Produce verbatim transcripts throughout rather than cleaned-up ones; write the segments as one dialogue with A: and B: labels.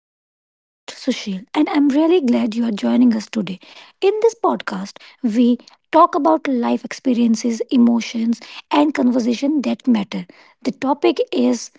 A: I'm your host, Sushil, and I'm really glad you are joining us today. In this podcast, we talk about life experiences, emotions, and conversation that matter. The topic is: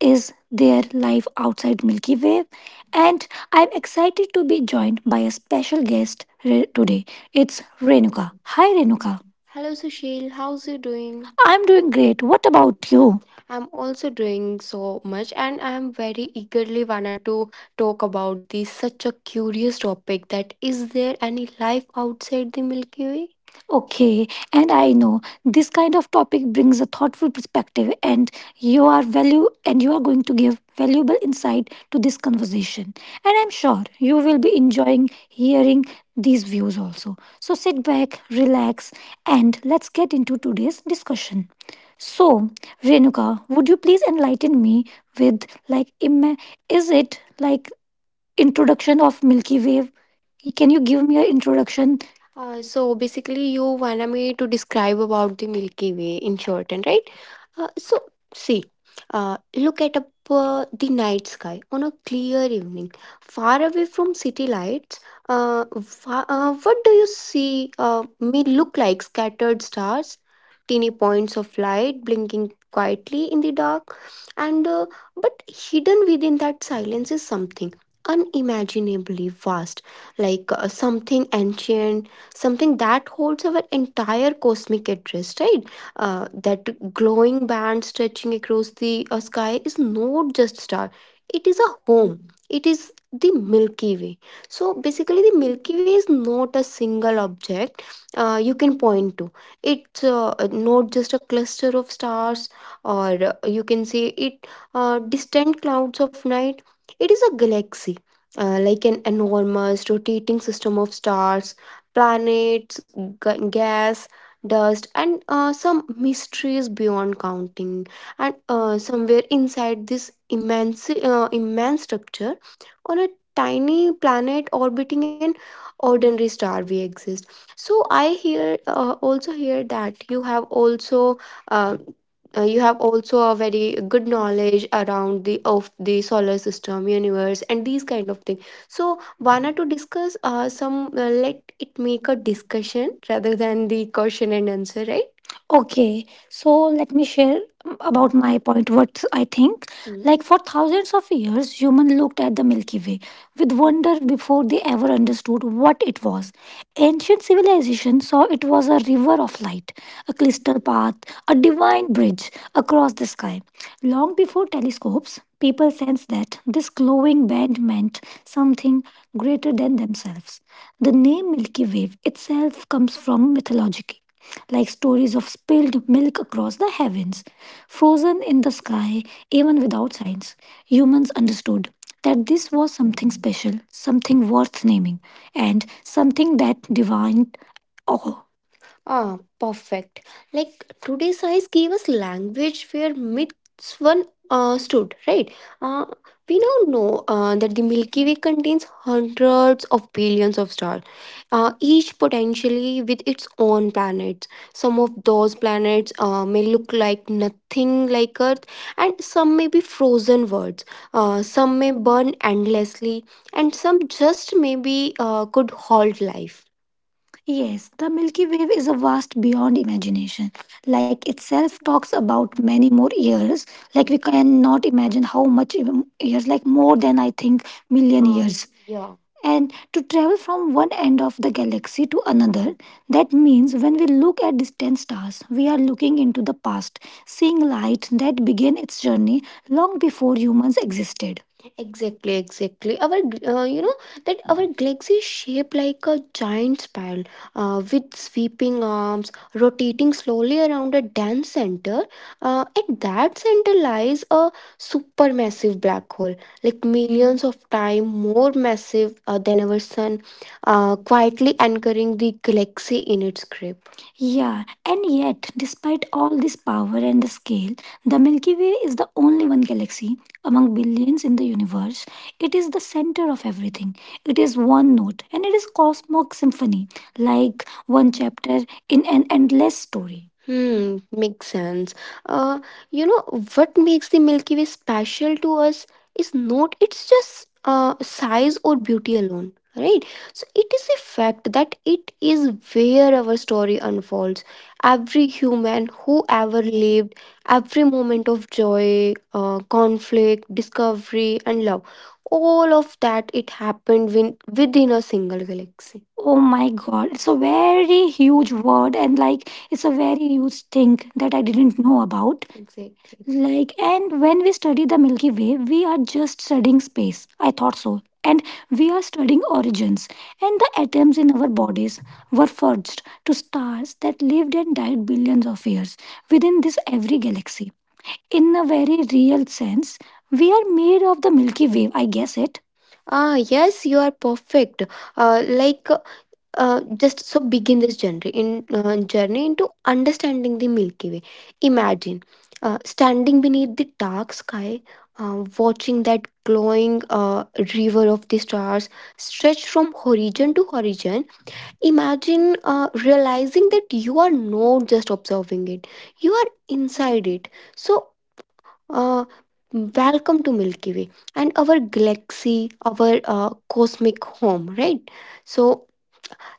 A: is there life outside Milky Way? And I'm excited to be joined by a special guest re- today. It's Renuka. Hi, Renuka. Hello, Sushil, how's you doing? I'm doing great. What about you? I'm also doing so much and I'm very eagerly wanted to talk about this such a curious topic that is there any life outside the Milky Way? Okay, and I know this kind of topic brings a thoughtful perspective, and you are value and you are going to give valuable insight to this conversation. And I'm sure you will be enjoying hearing these views also. So sit back, relax, and let's get into today's discussion. So, Renuka, would you please enlighten me with, like, ima- is it like introduction of Milky Way? Can you give me an introduction? Uh, so basically, you wanted me to describe about the Milky Way in short, and right? Uh, so see, uh, look at up uh, the night sky on a clear evening, far away from city lights. Uh, fa- uh, what do you see? Uh, may look like scattered stars, teeny points of light blinking quietly in the dark, and uh, but hidden within that silence is something unimaginably vast, like uh, something ancient, something that holds our entire cosmic address, right? Uh, that glowing band stretching across the uh, sky is not just star, it is a home. It is the Milky Way. So basically, the Milky Way is not a single object. Uh, can point to. It's uh, not just a cluster of stars, or uh, you can say it uh, distant clouds of night. It is a galaxy, uh, like an enormous rotating system of stars, planets, g- gas, dust, and uh, some mysteries beyond counting. And uh, somewhere inside this immense uh, immense structure on a tiny planet orbiting an ordinary star we exist. So I hear, uh, also hear that you have also uh, uh, you have also a very good knowledge around the of the solar system universe and these kind of things. So wanna to discuss uh, some, uh, let it make a discussion rather than the question and answer, right? Okay, so let me share about my point what I think. Mm. Like for thousands of years, human looked at the Milky Way with wonder before they ever understood what it was. Ancient civilization saw it was a river of light, a crystal path, a divine bridge across the sky. Long before telescopes, people sensed that this glowing band meant something greater than themselves. The name Milky Way itself comes from mythology, like stories of spilled milk across the heavens, frozen in the sky, even without science. Humans understood that this was something special, something worth naming, and something that divined awe. Ah, perfect. Like today's science gave us language where next one uh, stood, right? Uh, we now know uh, that the Milky Way contains hundreds of billions of stars, uh, each potentially with its own planets. Some of those planets uh, may look like
B: Og
A: nothing like Earth, and some may be frozen worlds.
B: ha hoje
A: Uh,
B: Hungary
A: some may
B: byggðið,يف
A: burn
B: í doktor.
A: endlessly, and
B: Sjá himill það
A: some just maybe uh, could hold
B: talið
A: life. Yes, the Milky Way is a vast beyond imagination.
B: gedan
A: Like
B: tranískvaka.
A: itself talks about many more years. Like we cannot imagine how much even years, like more than I think million years.
B: Júi, Sigrin
A: And to travel
B: duð.
A: from one end of the galaxy to another, that means when we look at distant stars, we are looking into the past, seeing light that began its journey long before humans existed. Exactly, exactly. Our, uh, you know, that our galaxy is
B: Hven
A: shaped
B: día ég
A: like
B: kjo
A: a giant spiral uh, with sweeping arms rotating slowly around a dense center.
B: að
A: Uh, at
B: brúga
A: that center
B: horaap blið.
A: lies a
B: Fine fburstillust til djóningin og k
A: supermassive
B: повторar champingi.
A: black hole, like
B: Neina unum kannetta
A: millions
B: til jou
A: of times more massive uh, than our sun, uh,
B: sin
A: quietly anchoring the galaxy in its grip. Yeah, and yet, despite all this power and the scale, the Milky Way is the only one galaxy among billions in the universe. It is the center of everything. It is one note, and it is cosmic symphony, like one chapter in an endless story. Hmm, makes sense. Uh, you know what makes the Milky Way special to us is not
B: Slow
A: it's just uh,
B: Park. Mér
A: size or
B: fékar
A: beauty
B: hefото
A: alone, right? So it is a fact
B: 함께
A: that it is where our story unfolds.
B: á
A: Every human
B: visitors sviert
A: who
B: af hantu. Som mug en gentlemanos
A: ever
B: ef곡i er ég
A: lived, every
B: satan gargur.
A: moment
B: But
A: of joy, uh, conflict, discovery, and love, all of that it happened win- within a single galaxy. Oh my god, it's a very
B: stick
A: huge word and like it's a very huge thing that I didn't know about. Exactly. Like, and when we study the Milky Way, we are just studying space. I thought so. And we are studying origins. And the atoms in our bodies were forged to stars that lived and died billions of years within this every galaxy. In a very real sense, we are made of the Milky Way, I guess it. Ah, yes, you are perfect.
B: að veº
A: Uh, like,
B: frezdu.
A: uh, just so begin this journey in uh, journey into understanding the Milky Way. Imagine uh, standing beneath the dark sky, uh, watching that glowing uh, river of the stars stretch from horizon to horizon. Imagine uh, realizing that you are not just observing it; you are inside it. So uh, welcome to Milky Way and our galaxy, our uh, cosmic home, right? So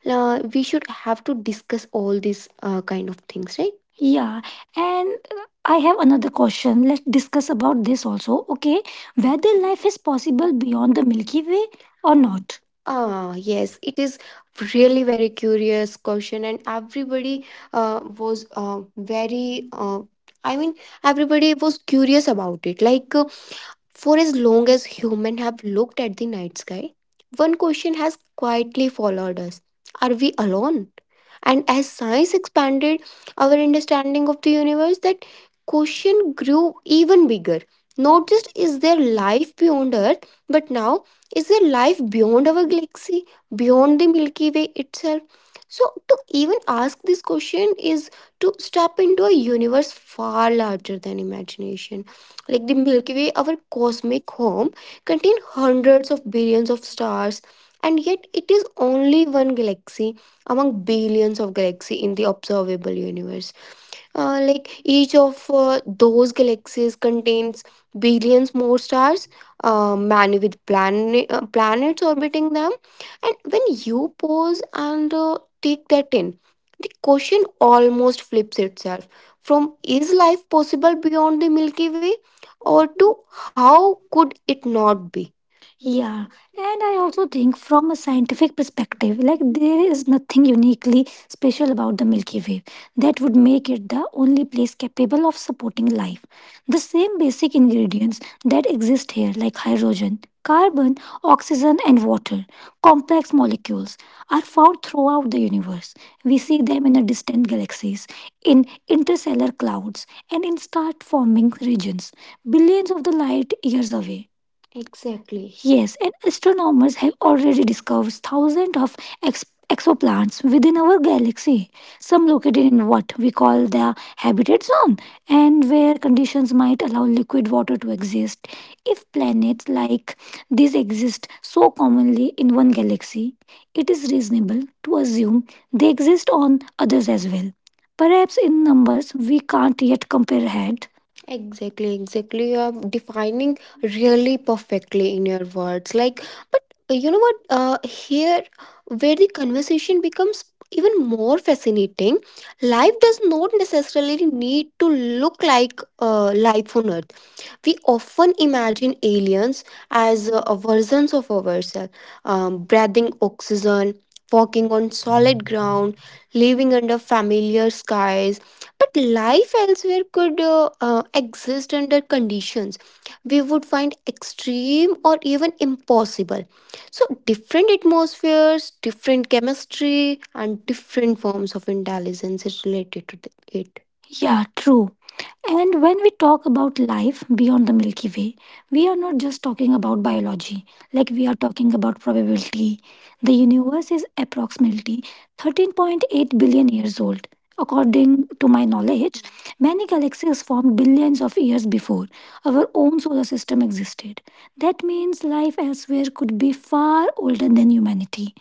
A: uh, we should have to discuss all these uh, kind of things, right? Yeah, and uh, I have another question. Let's discuss about this also. Okay, whether life is possible beyond the Milky Way or not. Ah, yes, it is really very curious question, and every uh, was uh, very uh, I mean everybody was curious about it like uh, for as long as human have looked at the night sky, one question has quietly followed us: are we alone? And as science expanded our understanding of the universe, that question grew even bigger. Not just is there life beyond earth, but now is there life beyond our galaxy, beyond the Milky Way itself? So
B: Thank
A: to even ask this question is to step into a universe far larger than imagination. Like the Milky Way, our cosmic home, contains hundreds of billions stars, and yet it is only one galaxy among billions of galaxies in the observable universe. Uh,
B: you.
A: like each of uh, those
B: Thank
A: galaxies contain billions more stars, uh, many with planet, uh, planets orbiting them. And when you pause and uh, take that in, the question almost flips itself from is life possible beyond the Milky Way or to how could it not be? Yeah, and I also think from a scientific perspective, like there is nothing uniquely special about the Milky Way that would make it the only place capable of supporting life. The same basic ingredients that exist here, like hydrogen, carbon, oxygen, and water, complex molecules, are found throughout the universe. We see them in a distant galaxies, in interstellar clouds, and in star forming regions, billions of the light years away. Exactly. Yes, and astronomers have already discovered thousands of ex- exoplanets within our galaxy, some located in what we call the habitat zone, and where conditions might allow liquid water to exist. If planets like these exist so commonly in one galaxy, it is reasonable to assume they exist on others as well. Perhaps in numbers we can't yet compare head. Exactly, exactly. You are defining really perfectly in your words. Like, but you know what? Uh, here, where the
B: you.
A: conversation
B: You
A: becomes even more fascinating, life does not necessarily need to look like uh, life on earth. We often imagine aliens as uh, versions of ourselves, um, breathing oxygen, walking on solid ground, living under familiar skies. But life elsewhere could uh, uh, exist under conditions would find extreme or even impossible. So, different atmospheres, different chemistry, and different forms of intelligence is related to th- it. Yeah, true. And when we talk about life beyond the Milky Way, we are not just talking about biology, like we are talking about probability. The universe is approximately thirteen point eight billion years old. According to my knowledge, many galaxies formed billions of years before our own solar system existed. That means life elsewhere could be far older than humanity,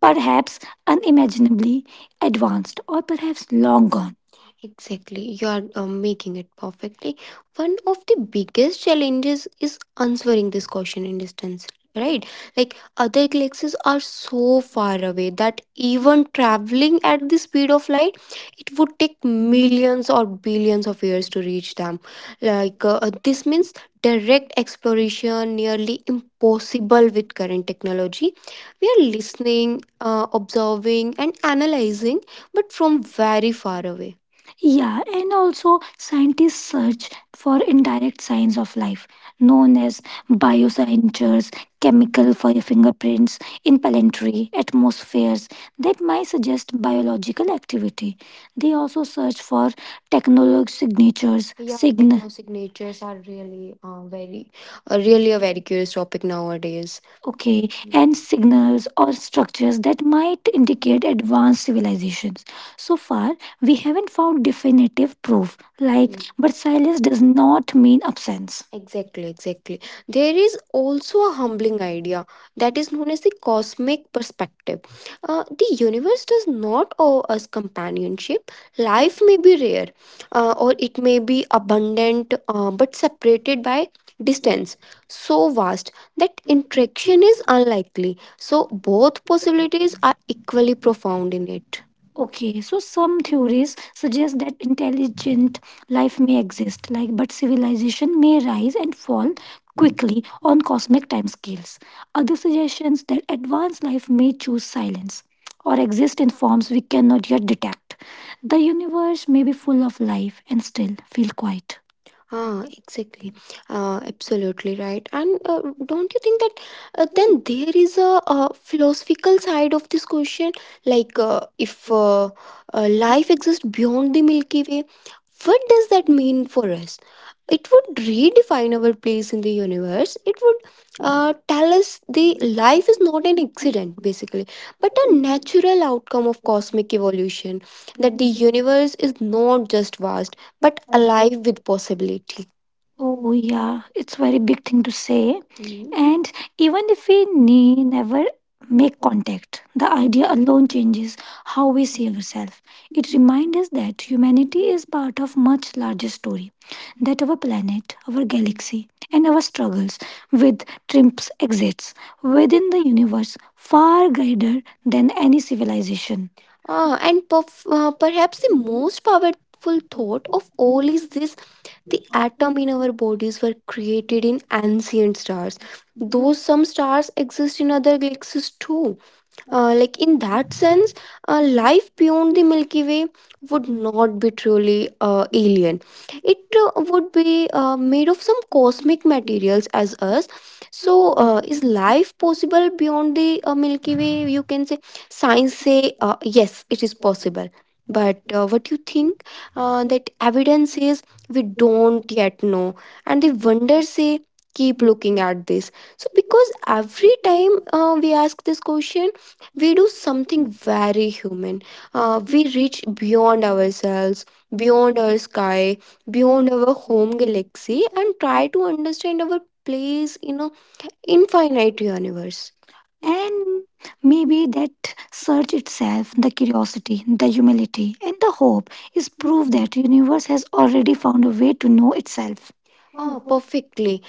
A: perhaps unimaginably advanced, or perhaps long gone. Exactly, you are uh, making it perfectly. One of the biggest challenges is answering this question in distance, right? Like other galaxies are so far away that even traveling at the speed of light, it would take
B: know, you know,
A: millions or billions of years to reach them.
B: you
A: Like uh, uh, this means
B: know. Thank
A: direct exploration nearly impossible with current technology. We are listening, uh, observing, and analyzing, but from very far away. Yeah, and also scientists search for indirect signs of life, known as biosignatures, chemical fi- fingerprints in planetary atmospheres that might suggest biological activity. They also search for technology signatures. Yeah, sign techno signatures are really uh, very, uh, really a very curious topic nowadays. Okay, and signals or structures that might indicate advanced civilizations. So far, we haven't found definitive proof. Like, Mm. but silence does not mean absence. Exactly, exactly. There is also a humbling idea that is known as the perspective. Uh, the universe does not owe us companionship. Life may be rare, uh, or it may be abundant, uh, but separated by distance so vast that interaction is unlikely. So, both possibilities are equally profound in it. Okay, so some theories suggest that intelligent life may exist, like but civilization may rise and fall quickly on cosmic timescales. Other suggestions that advanced life may choose silence or exist in forms we cannot yet detect. The universe may be full of life and still feel quiet. Ah, exactly. Uh, absolutely right. And uh, don't you think that uh, then there is a, uh philosophical side of this question? Like,
B: you.
A: uh, if
B: For
A: uh,
B: the
A: uh,
B: last
A: life
B: two
A: exists
B: days,
A: beyond the Milky Way,
B: I
A: what does that mean for us? It would redefine our place in the universe. It would uh, tell us the life is not an accident, basically, but a natural outcome of cosmic evolution.
B: have
A: That the
B: been feeling
A: universe is not just vast, but alive with possibility. Oh
B: very
A: yeah, it's very big thing to say. Mhm. And even if we ne- never make contact, the idea alone changes how we see ourselves. Remind us that humanity is part of much larger story that our planet, our galaxy, and our struggles with trips exists within the universe far greater than any civilization. Ah, and perf- uh, perhaps the most powerful thought of all is this atom in our bodies were created in ancient stars. Some stars exist in other galaxies too. Uh, like in that sense, uh, life beyond the Milky Way would not be truly uh, alien. It uh, would be uh, made of some cosmic materials as us. So, uh, is life possible beyond the uh, Milky Way? You can say
B: tired.
A: science say uh, yes, it is possible. But uh, what you think uh, that evidence says we don't yet know, and the wonder say keep looking at this. So, because every time uh, we ask this question, we do something very human. Uh, we reach beyond ourselves, beyond our sky, beyond our home galaxy, and try to understand our place in a infinite universe. And maybe that search itself, the curiosity, the humility, and the hope is proof that universe has already found a way to know itself.
B: Thank
A: Quickly,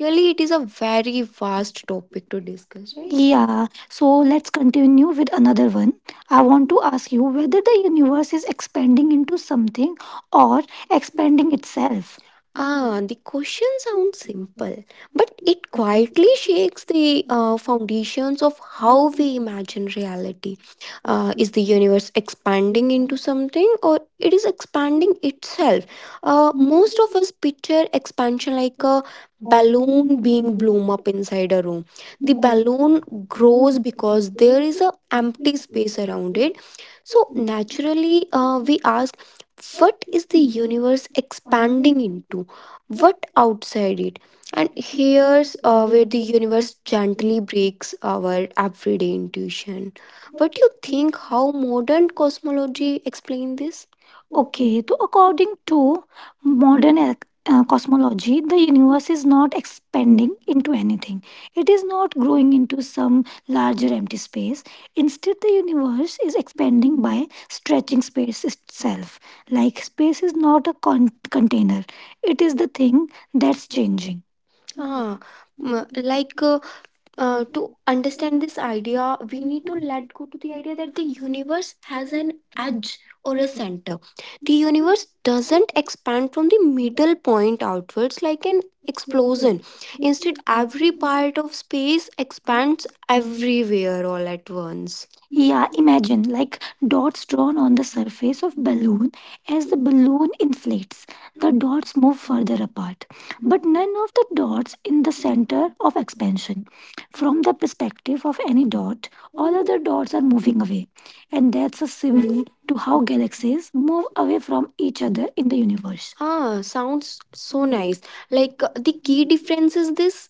A: really, it is a very vast topic to discuss, right? Yeah, so let's continue with another one. I want to ask you whether the universe is expanding into something or expanding itself. Ah, the question sounds simple, but quietly shakes the uh, foundations of how we imagine reality. Uh, is the universe expanding into something or it is expanding itself? Uh, most of us picture expansion like
B: you.
A: a
B: Allah'ın
A: balloon being
B: bildiği
A: blown up inside a room. The
B: bir balık
A: balloon
B: diğer
A: grows
B: bir
A: because there is
B: balıkların
A: a air
B: yüksek
A: around
B: üzerinde
A: it. So
B: çok yüksek bir
A: naturally,
B: yüzde
A: uh, we ask,
B: çok
A: what
B: yüksek bir yüzde
A: universe
B: sahip
A: expand to,
B: değil.
A: what outside it?
B: Bu
A: And
B: ikiliye
A: here's uh, where the
B: evlerinde
A: universe gently
B: bulunmak
A: breaks our everyday intuition.
B: için
A: How
B: hayvanların
A: modern
B: seslerini
A: cosmology explain this?
B: çok
A: So
B: yüksek çok
A: according
B: yüksek
A: to
B: bir balık
A: modern uh, cosmology, the universe is not expanding into anything. It is not growing into some larger empty space. Instead, the universe is expanding by stretching space itself. Like space is not a con- container. It is the
B: yapmak
A: thing that's changing.
B: için yüksek bir yüzde
A: Like
B: Thank
A: uh, uh, to understand this idea we need to let go to the idea that the universe has an edge or a center. The universe
B: you.
A: doesn't expand from the middle point outwards like an
B: So we,
A: explosion.
B: this
A: Instead,
B: is
A: every
B: the new
A: part
B: house.
A: of space
B: And
A: expands
B: we have
A: everywhere all at once.
B: dinner.
A: Yeah,
B: We have
A: imagine like dots drawn on the surface of balloon. As the balloon inflates, dots move apart, but none of the dots in the center of expansion. From the perspective of any dot, other dots are moving away, and that's a similar to how galaxies move away from each other in the universe. Ah, sounds so like uh,
B: this.
A: the key difference is this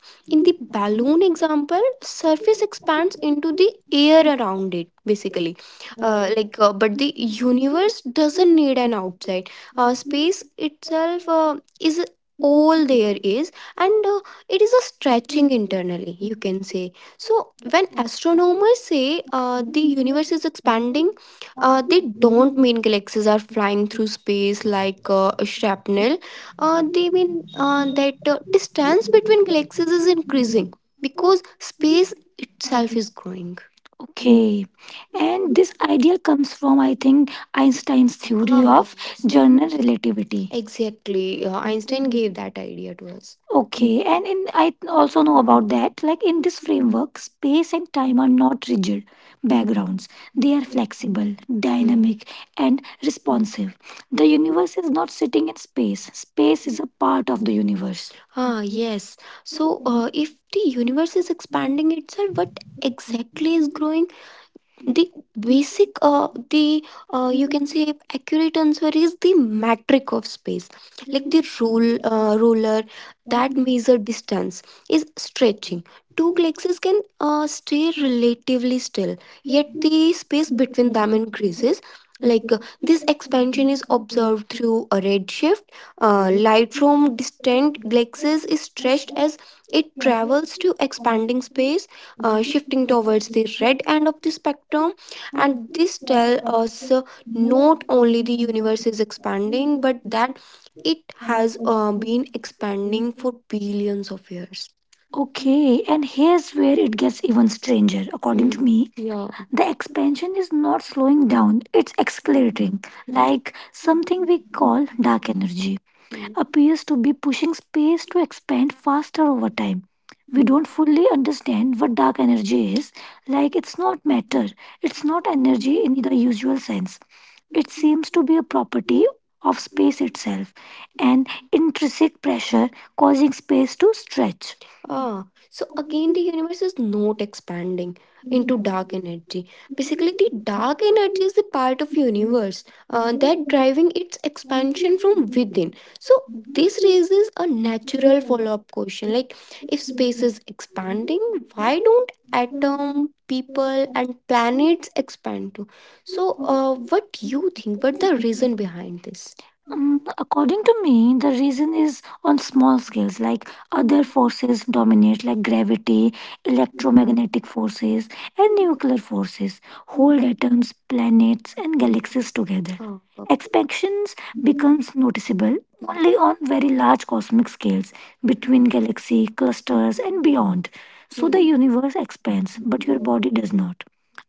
B: This
A: balloon example, surface
B: is something
A: into
B: new.
A: the air around it
B: This is a new thing.
A: basically.
B: Ah,
A: uh,
B: this
A: like uh, but
B: is
A: the
B: new.
A: universe
B: This
A: doesn't
B: is
A: need
B: a
A: an
B: new thing. This is
A: outside. Uh,
B: a new
A: space
B: thing.
A: itself uh, is
B: This is
A: all
B: a
A: there
B: new thing.
A: is, and uh, it is a
B: This is a
A: stretching
B: new
A: internally,
B: thing.
A: you can say. So when astronomers say uh, expand, uh,
B: This
A: they
B: is a
A: don't
B: new
A: mean galaxies are flying through space
B: thing.
A: like uh,
B: Thank
A: shrapnel. Uh, they mean uh, that uh, distance between galaxies is in because growing. Okay, and this idea comes from, I think, Einstein's theory of general relativity. Exactly that idea to us. Okay, and in, I also know about that. Like in this framework, space and time are not rigid backgrounds, they are flexible, dynamic, and responsive. The universe is not sitting in space, space is a part of the universe. Ah, yes. So, uh, if the universe is expanding itself, what exactly is growing? Basic uh, the uh, you can say accurate answer is the metric of space. Uh, ruler that measure distance is stretchy. Two galaxies can uh, stay relatively still, the space between them increases. This through a redshift, uh, light from distant galaxies is stretched, it travels to expanding space, uh, shifting towards the red end
B: you.
A: of the spectrum.
B: And
A: And
B: this
A: this tell
B: day
A: us
B: also
A: uh,
B: more
A: not only
B: children were discovered
A: expanding, but
B: with
A: that
B: which
A: it has
B: I of
A: uh, been
B: these
A: expanding
B: stories is
A: billions of years. Okay, and here's where it gets even stranger, according to me. Yeah. The expansion is not slowing down, it's accelerating.
B: that
A: Like something we call dark energy, Mm. appears to be pushing space to expand faster over time. Fully understand what dark energy is, like it's not matter, it's not energy in the usual sense. It seems to be a property of space itself, an intrinsic pressure causing space to stretch. Ah, so our universe is not expanding
B: in
A: into
B: the
A: dark energy.
B: documentary
A: Basically, the dark
B: dramatically
A: energy is a part of
B: revealed
A: universe uh,
B: the work of
A: driving its exp.
B: completely different.
A: So
B: He was
A: this is a natural
B: considered for the book
A: question.
B: which
A: Like
B: was
A: expanding,
B: expanded little from the essence
A: why don't
B: of the
A: at
B: different
A: people
B: story
A: and
B: with the
A: planets expand to? So uh, what do you think what the reason
B: story
A: behind this? Um, according to me, the reason is on small scales, like other forces dominate, like gravity, electromagnetic forces, and nuclear forces hold atoms, planets, and galaxies together. Oh, okay. Expansions becomes noticeable only on very large cosmic scales between galaxy clusters and beyond. So the universe expands, but your body does not.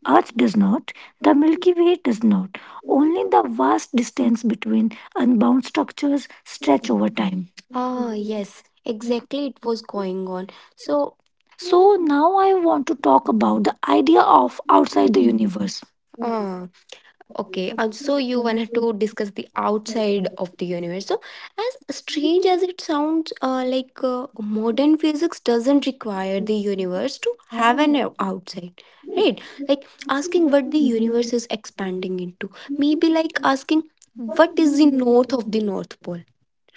A: Earth does not, the Milky Way does not. Only the vast distance between unbound structures stretch over time. Ah,
B: of
A: yes, exactly. It was going on. So, So now I want to talk about the idea of outside the universe.
B: the
A: Okay, and so
B: upset
A: you
B: one
A: wanted to
B: is
A: discuss the outside
B: taken.
A: of the universe. So, as strange as
B: He
A: it sounds, uh, like uh, modern physics doesn't require the
B: was
A: universe to have an
B: discovered
A: o- outside,
B: नहीं
A: right? Like asking what the
B: आपने जो
A: universe is expanding into. Maybe like asking what
B: कुछ
A: is
B: निर्णय
A: the
B: किया उसमें
A: north
B: आपने
A: of the
B: जो निर्णय किया
A: North Pole,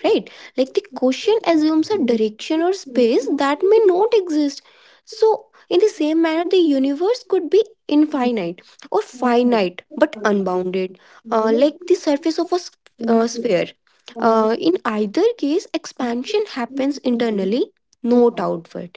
A: right? Like the question assumes a
B: उसमें
A: direction or space that may not exist. So in the same manner the universe could be infinite or finite but unbounded, uh, like the surface of a s- uh, sphere. Uh, in either case expansion happens internally, not outward,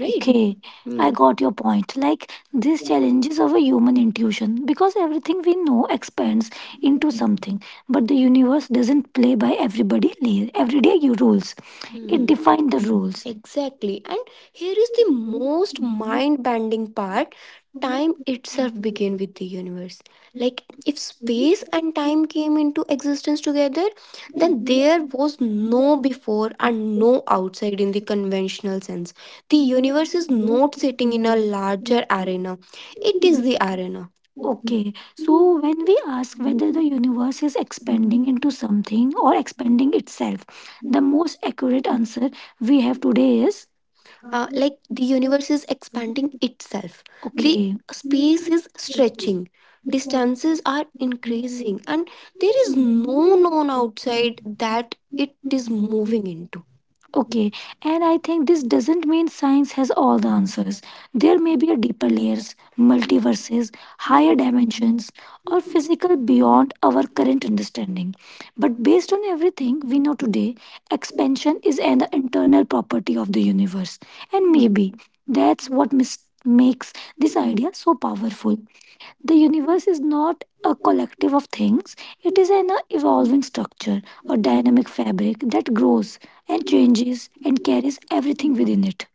A: right? Okay, I Hmm. got your point. Like these challenges of a human intuition, because everything we know expands into something, but the universe doesn't play by everybody la- everyday u- rules. It Hmm. defines the rules. Exactly. And here is the most mind bending part, time itself began with the universe. Like, if space and time came into existence together, then there was no before and no outside in the conventional sense. The universe is not sitting in a larger arena, it is the arena. Okay, so when we ask whether the universe is expanding into something or expanding itself, the most accurate answer we have today is uh,
B: आपने
A: like the universe is expanding itself the. Okay. The space is stretching, distances are increasing, and there is no known outside that
B: जो
A: it is moving
B: निर्णय
A: into. Okay, and I think this doesn't mean science has all the answers. There may be a deeper layers, multiverses,
B: It's like
A: higher
B: this
A: dimensions, or physical beyond our current understanding. But based on everything we know today, expansion is an internal property of the universe. And maybe that's what mis- makes this idea so powerful. The universe is not a collective of things, it is an evolving structure, a dynamic fabric that grows and changes and carries everything within it.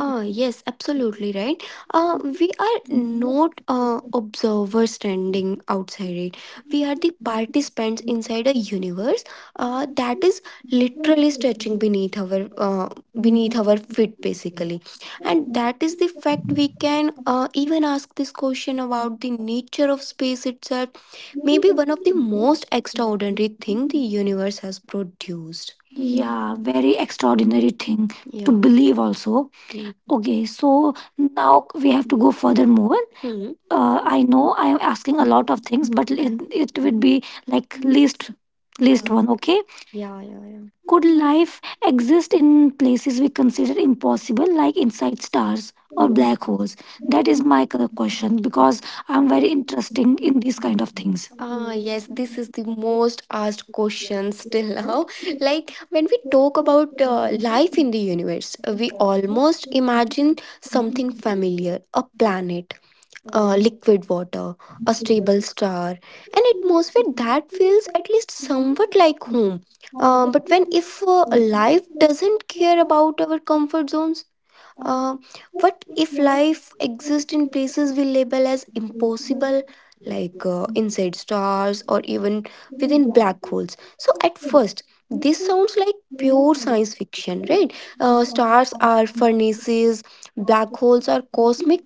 A: Ah, yes, absolutely right. Uh, we are not uh, observers standing outside it. We are the participants inside a universe uh, that is
B: is
A: literally stretching beneath
B: just
A: our uh, beneath our feet, basically. And that is the fact we can uh, even ask this question about the nature of space itself, maybe one of the most extraordinary the universe has produced. A very extraordinary thing to, yeah, believe also. Mm. Okay, so now we have to go further more. Hmm. uh, I know I am asking a lot of things, but it would be like least least. Uh, one, okay, yeah, yeah, yeah. Could life exist in places we consider impossible, like inside stars or black holes? That is my c- question, because I'm very interested in these kind of things. Ah, yes, this is the most asked question still now. Like when we talk about uh, life in the universe, uh, we almost imagine something familiar, a planet, uh, liquid water, a stable star, an atmosphere that feels at least somewhat like home. Uh, but if uh, life doesn't care about our comfort zones, uh, what if life exists in places we label as
B: a
A: impossible,
B: little
A: like uh,
B: bit.
A: inside stars or even
B: Thank
A: black holes? So at first, it sounds like science fiction. Right? Uh, stars are furnaces, black holes are cosmos,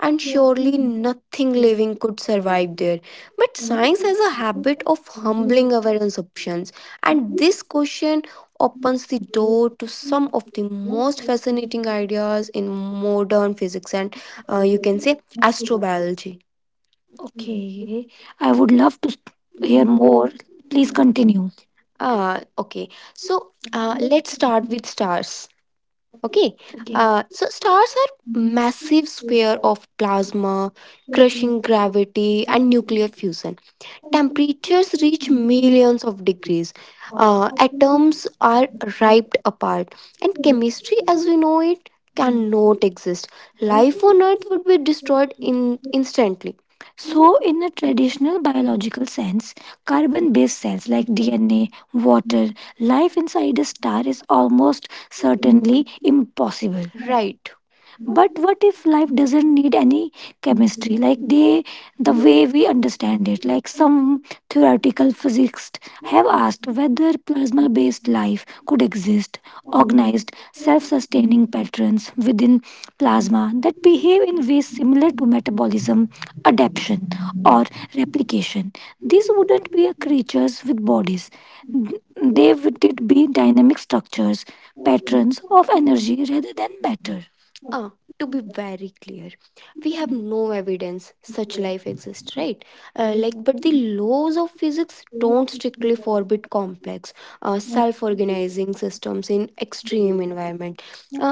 A: and surely nothing living could survive there. But has a habit of humbling our assumptions, and this question opens the door to some of the most fascinating ideas in modern physics and uh, you can biology. Okay, I would love to hear more. Please continue. Ah, okay. So start with stars. Okay. Okay. Uh, so stars are massive sphere of plasma, crushing gravity, and nuclear fusion. Temperatures reach
B: you.
A: millions of degrees.
B: Ắng
A: Uh,
B: agar ekki
A: atoms are ripped apart, and chemistry as we know it cannot exist. Life on Earth would be destroyed in instantly. So, in a traditional biological sense, carbon based cells like D N A, water, life inside a star is almost certainly impossible. Right. But what
B: factors
A: if life doesn't need any chemistry? Like they, the way we understand it, like some theoretical physicists have asked whether plasma based life could exist, organized, self sustaining patterns within plasma that behave in ways similar to metabolism adaptation. These wouldn't be creatures with bodies, they would it be dynamic structures, patterns of energy rather than matter to be very clear with no evidence suggest- uh, like but the laws of physics totally forbid complex uh, self-organizing systems in extreme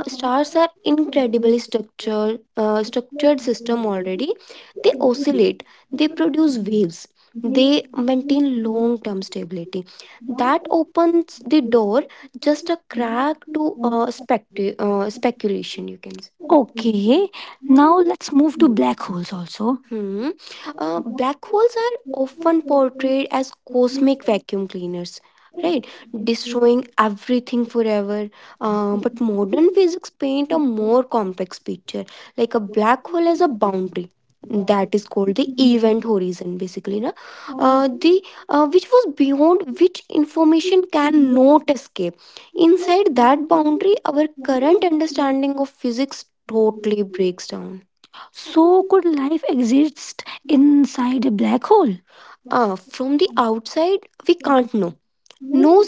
A: stars are incredibly structured, uh, structured system already they produce waves maintain long-term stability that opens the door. Just. Spectu- uh, speculation, you can say.
B: as say
A: Okay, now let's move to
B: no.
A: black holes also. Hmm.
B: The
A: Uh,
B: government
A: black holes are
B: has been
A: often
B: working on a
A: portrayed
B: plan
A: as
B: to
A: cosmic
B: address
A: vacuum cleaners, right? Destroying everything forever. Uh, but modern physics paint a more complex picture. Like a black hole has a boundary that is called the horizon basically na uh, the uh, which was beyond which information can not escape inside that boundary our current understanding of physics totally breaks down. So, could life exist inside a black hole? Uh, from the outside we can't know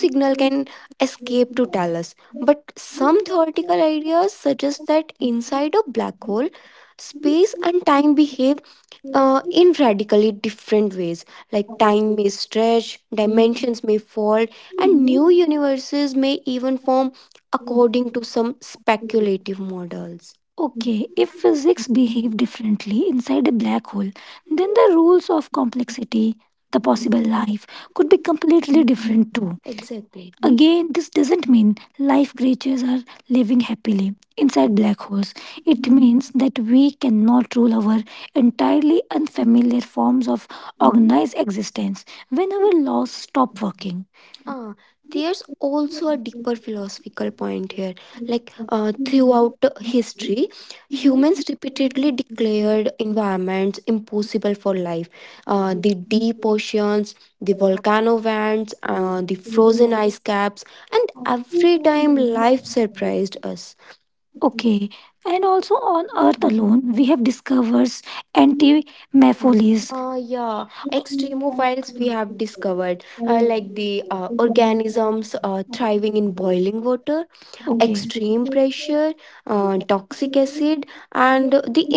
A: signal can escape to tell us. Some theoretical ideas suggest that inside a black hole and time behave uh, in radically different ways, like time may stretch, dimensions may fall, new universes may even form according to some speculative models. Okay, if physics behave differently inside a black hole, then the rules of complexity, the possible life, could be completely different too. Exactly. Again, this doesn't mean life creatures are living happily inside black holes. It means that we cannot rule our entirely unfamiliar forms of organized existence when our laws stop working. Ah, there's also a deeper philosophical point here. Like uh, throughout history, declared environments impossible for life. Uh, the potions, the volcano vents, uh, ice caps, and every time life surprised us. Okay, and also on Earth alone, we have discovered
B: the issue.
A: anti-mephiles. Uh, yeah, I
B: Thank
A: discovered the organisms uh, thriving in boiling water, extreme pressure, uh, and the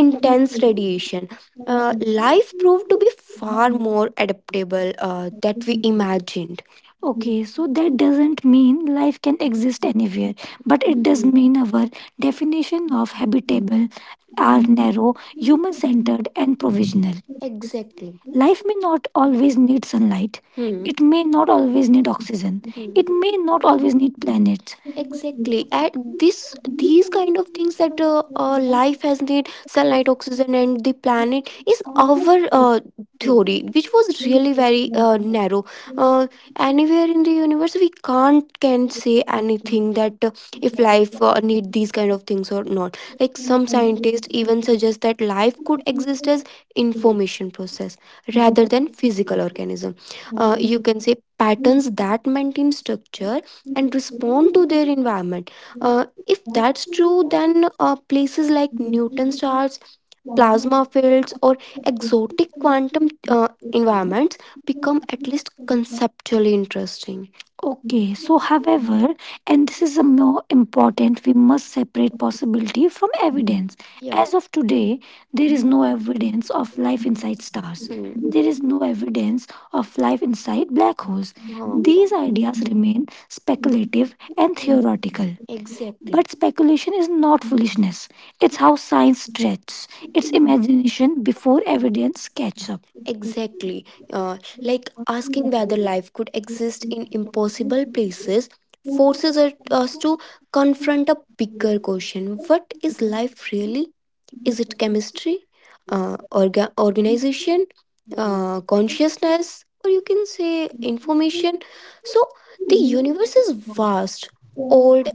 A: innovation uh, life far more adaptable uh, that we imagined. Okay, so that doesn't mean life can exist anywhere, but it does mean our definition of habitable are narrow, human centered, and provisional. Life may not always need sunlight, hmm, it may not always need oxygen, it may not always need planets. At the things that uh, uh, life has need sunlight oxygen and the planet is uh, theory which was really very uh, narrow. uh, Anywhere in the universe we can't can say anything that uh, if life uh, need these kind of things or not, like some scientists even suggest that life could exist as information process rather than physical organism, uh,
B: you.
A: the
B: hmm,
A: patterns that maintain
B: इस
A: structure
B: दिन दिन के
A: respond to
B: दिनों
A: their
B: में
A: environment. uh,
B: रात रात
A: it's
B: रात
A: true
B: में
A: than uh, places like
B: इसमें लाल
A: plasma
B: मांस
A: fields or
B: खाते हैं इसके लिए
A: quantum
B: इसमें
A: uh,
B: इसमें
A: environment
B: इसमें इसमें इसमें इसमें
A: conceptually interesting. Okay, so however, and this is a more important, we must separate possibility from evidence. Yeah. As of today, there
B: इसमें
A: is
B: इसमें
A: no
B: इसमें
A: evidence of life in stars, no evidence of life inside black holes. Huh. These ideas remain speculative and theoretical. Exactly. But speculation is not, it's how science stretches imagination before evidence catches. Uh, like
B: इसमें इसमें इसमें इसमें इसमें इसमें इसमें इसमें इसमें इसमें इसमें इसमें
A: could exist in impossible places forces it- us to confront a bigger question: what is life really? Is
B: इसमें इसमें इसमें इसमें
A: it
B: इसमें
A: chemistry, uh, orga- organization,
B: इसमें
A: uh, consciousness, or you can say information? So,
B: इसमें
A: this is
B: इसमें
A: vast, old,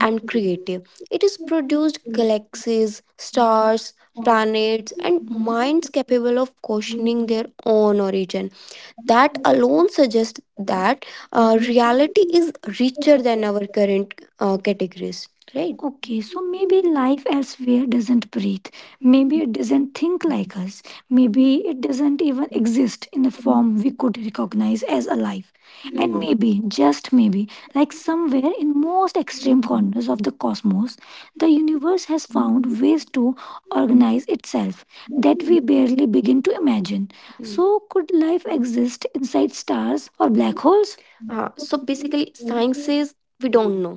A: it is produced galaxies, stars, planets, and minds capable of questioning own origin. That alone suggests that uh, reality is richer than our current uh, categories, right? Okay, maybe life elsewhere doesn't breathe. Maybe it doesn't think like us. Maybe it doesn't even exist in a form we could recognize as alive. Maybe, just maybe, like somewhere in most extreme corners of the cosmos, the universe has found ways to organize itself we barely begin to imagine. Hmm. So, could life exist inside stars or black holes? Says we don't know.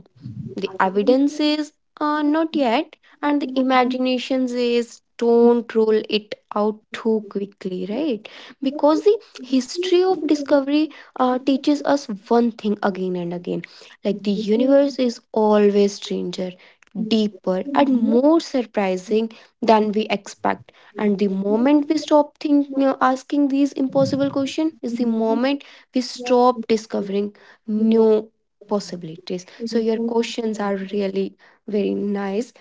A: The evidence says uh, no yet, and the imagination is don't roll it out too quickly, right, because the history of
B: इसमे�
A: discovery uh, teaches us one thing again and again, like the
B: Thank
A: universe is always stranger, deeper and more surprising than we expect, and the moment we stop think, you know, asking these impossible questions is we stop discovering new possibilities. Questions are really very nice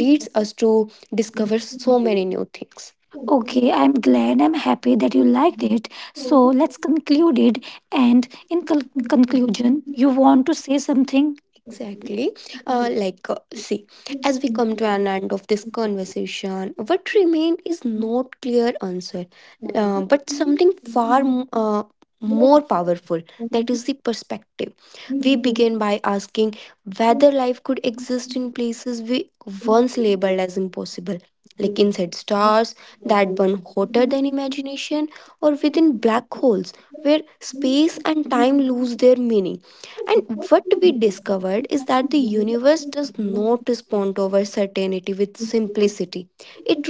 A: because us to discover many new things. Okay, I'm glad, I'm happy that you liked it. So let's conclude it. And in col- conclusion, you want to say something? Exactly. Uh, like, uh, see, as we come to an end of this conversation, what remained is not clear answer, uh, but something far m- uh, more powerful. That is the perspective. We begin by asking whether life could exist in places we once labeled as impossible, like inside stars, that burn hotter than imagination, or within black holes where space and time lose their meaning. And what we discovered is that the universe does not respond to our certainty with simplicity, it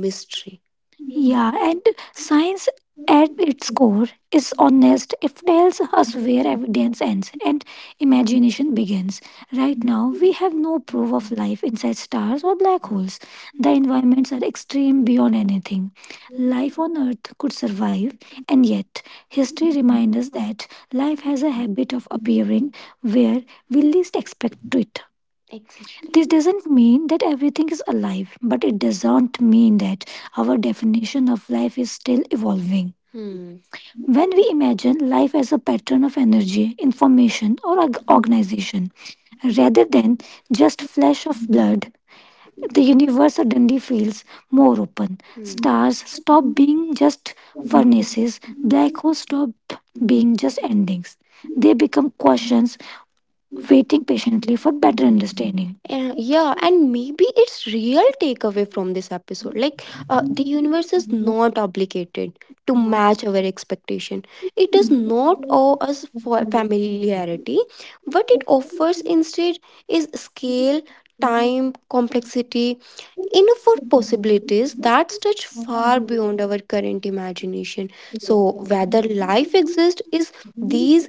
A: mystery. Yeah, and science at its core is honest. It tells us where evidence ends and imagination begins. Right, we have no proof of life inside stars or black holes. The environments are extreme beyond anything. Life on Earth could survive, and yet history reminds us that life has a habit of appearing where we least expect it. This doesn't mean that everything is alive, but it doesn't mean that our definition of life is still evolving. Hmm. When we imagine life as a pattern of energy, information, or org- organization, rather than just flash of the universe suddenly feels more open. Hmm. Stars stop being just furnaces. Black holes stop being just endings. They become questions waiting patiently for better. Uh, yeah, and maybe it's real takeaway from this episode. Like, uh, not obligated to
B: you.
A: match our expectation, not all familiarity, but it is instead is scale, time, complexity, enough possibilities that's far beyond our current imagination. So whether life is is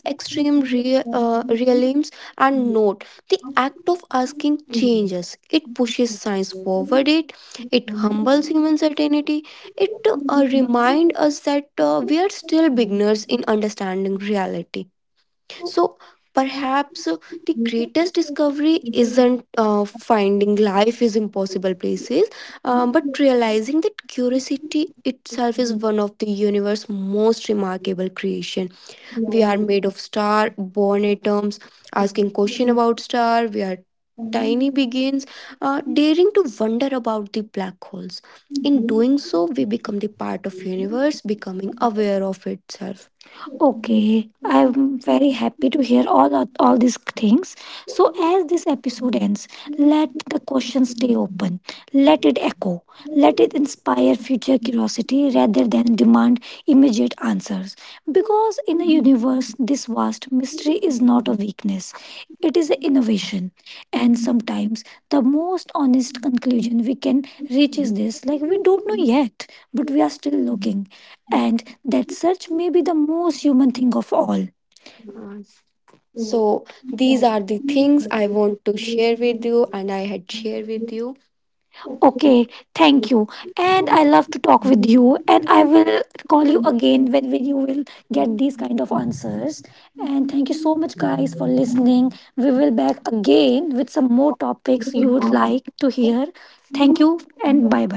A: extreme realisms and no, the act of asking it puts science forward human certainty. It remind us that uh, we are still beginners in understanding reality. So, perhaps the greatest discovery isn't uh, finding life is impossible places, um, but realizing that curiosity itself is one of the universe's most remarkable creation. We have star born atoms asking question about star where tiny begins uh, daring to wonder about the black holes, so we become the part of it, becoming aware of itself. Okay, I'm very happy to hear all of- all these things. So as this episode ends, let the questions let it echo, let it inspire future curiosity rather than demand immediate answers. Because in a universe this vast, mystery is not a weakness; it is an innovation. And sometimes the most honest conclusion we can reach is this: like we don't, but we are still looking, and that search may be the most human thing of all. So these are you and I had shared. Okay, thank you. And I love to talk with you. And I will call you again when we- you will get. And much guys for listening. We will back again with some more topics
B: Thank you.
A: to hear. Thank you and bye.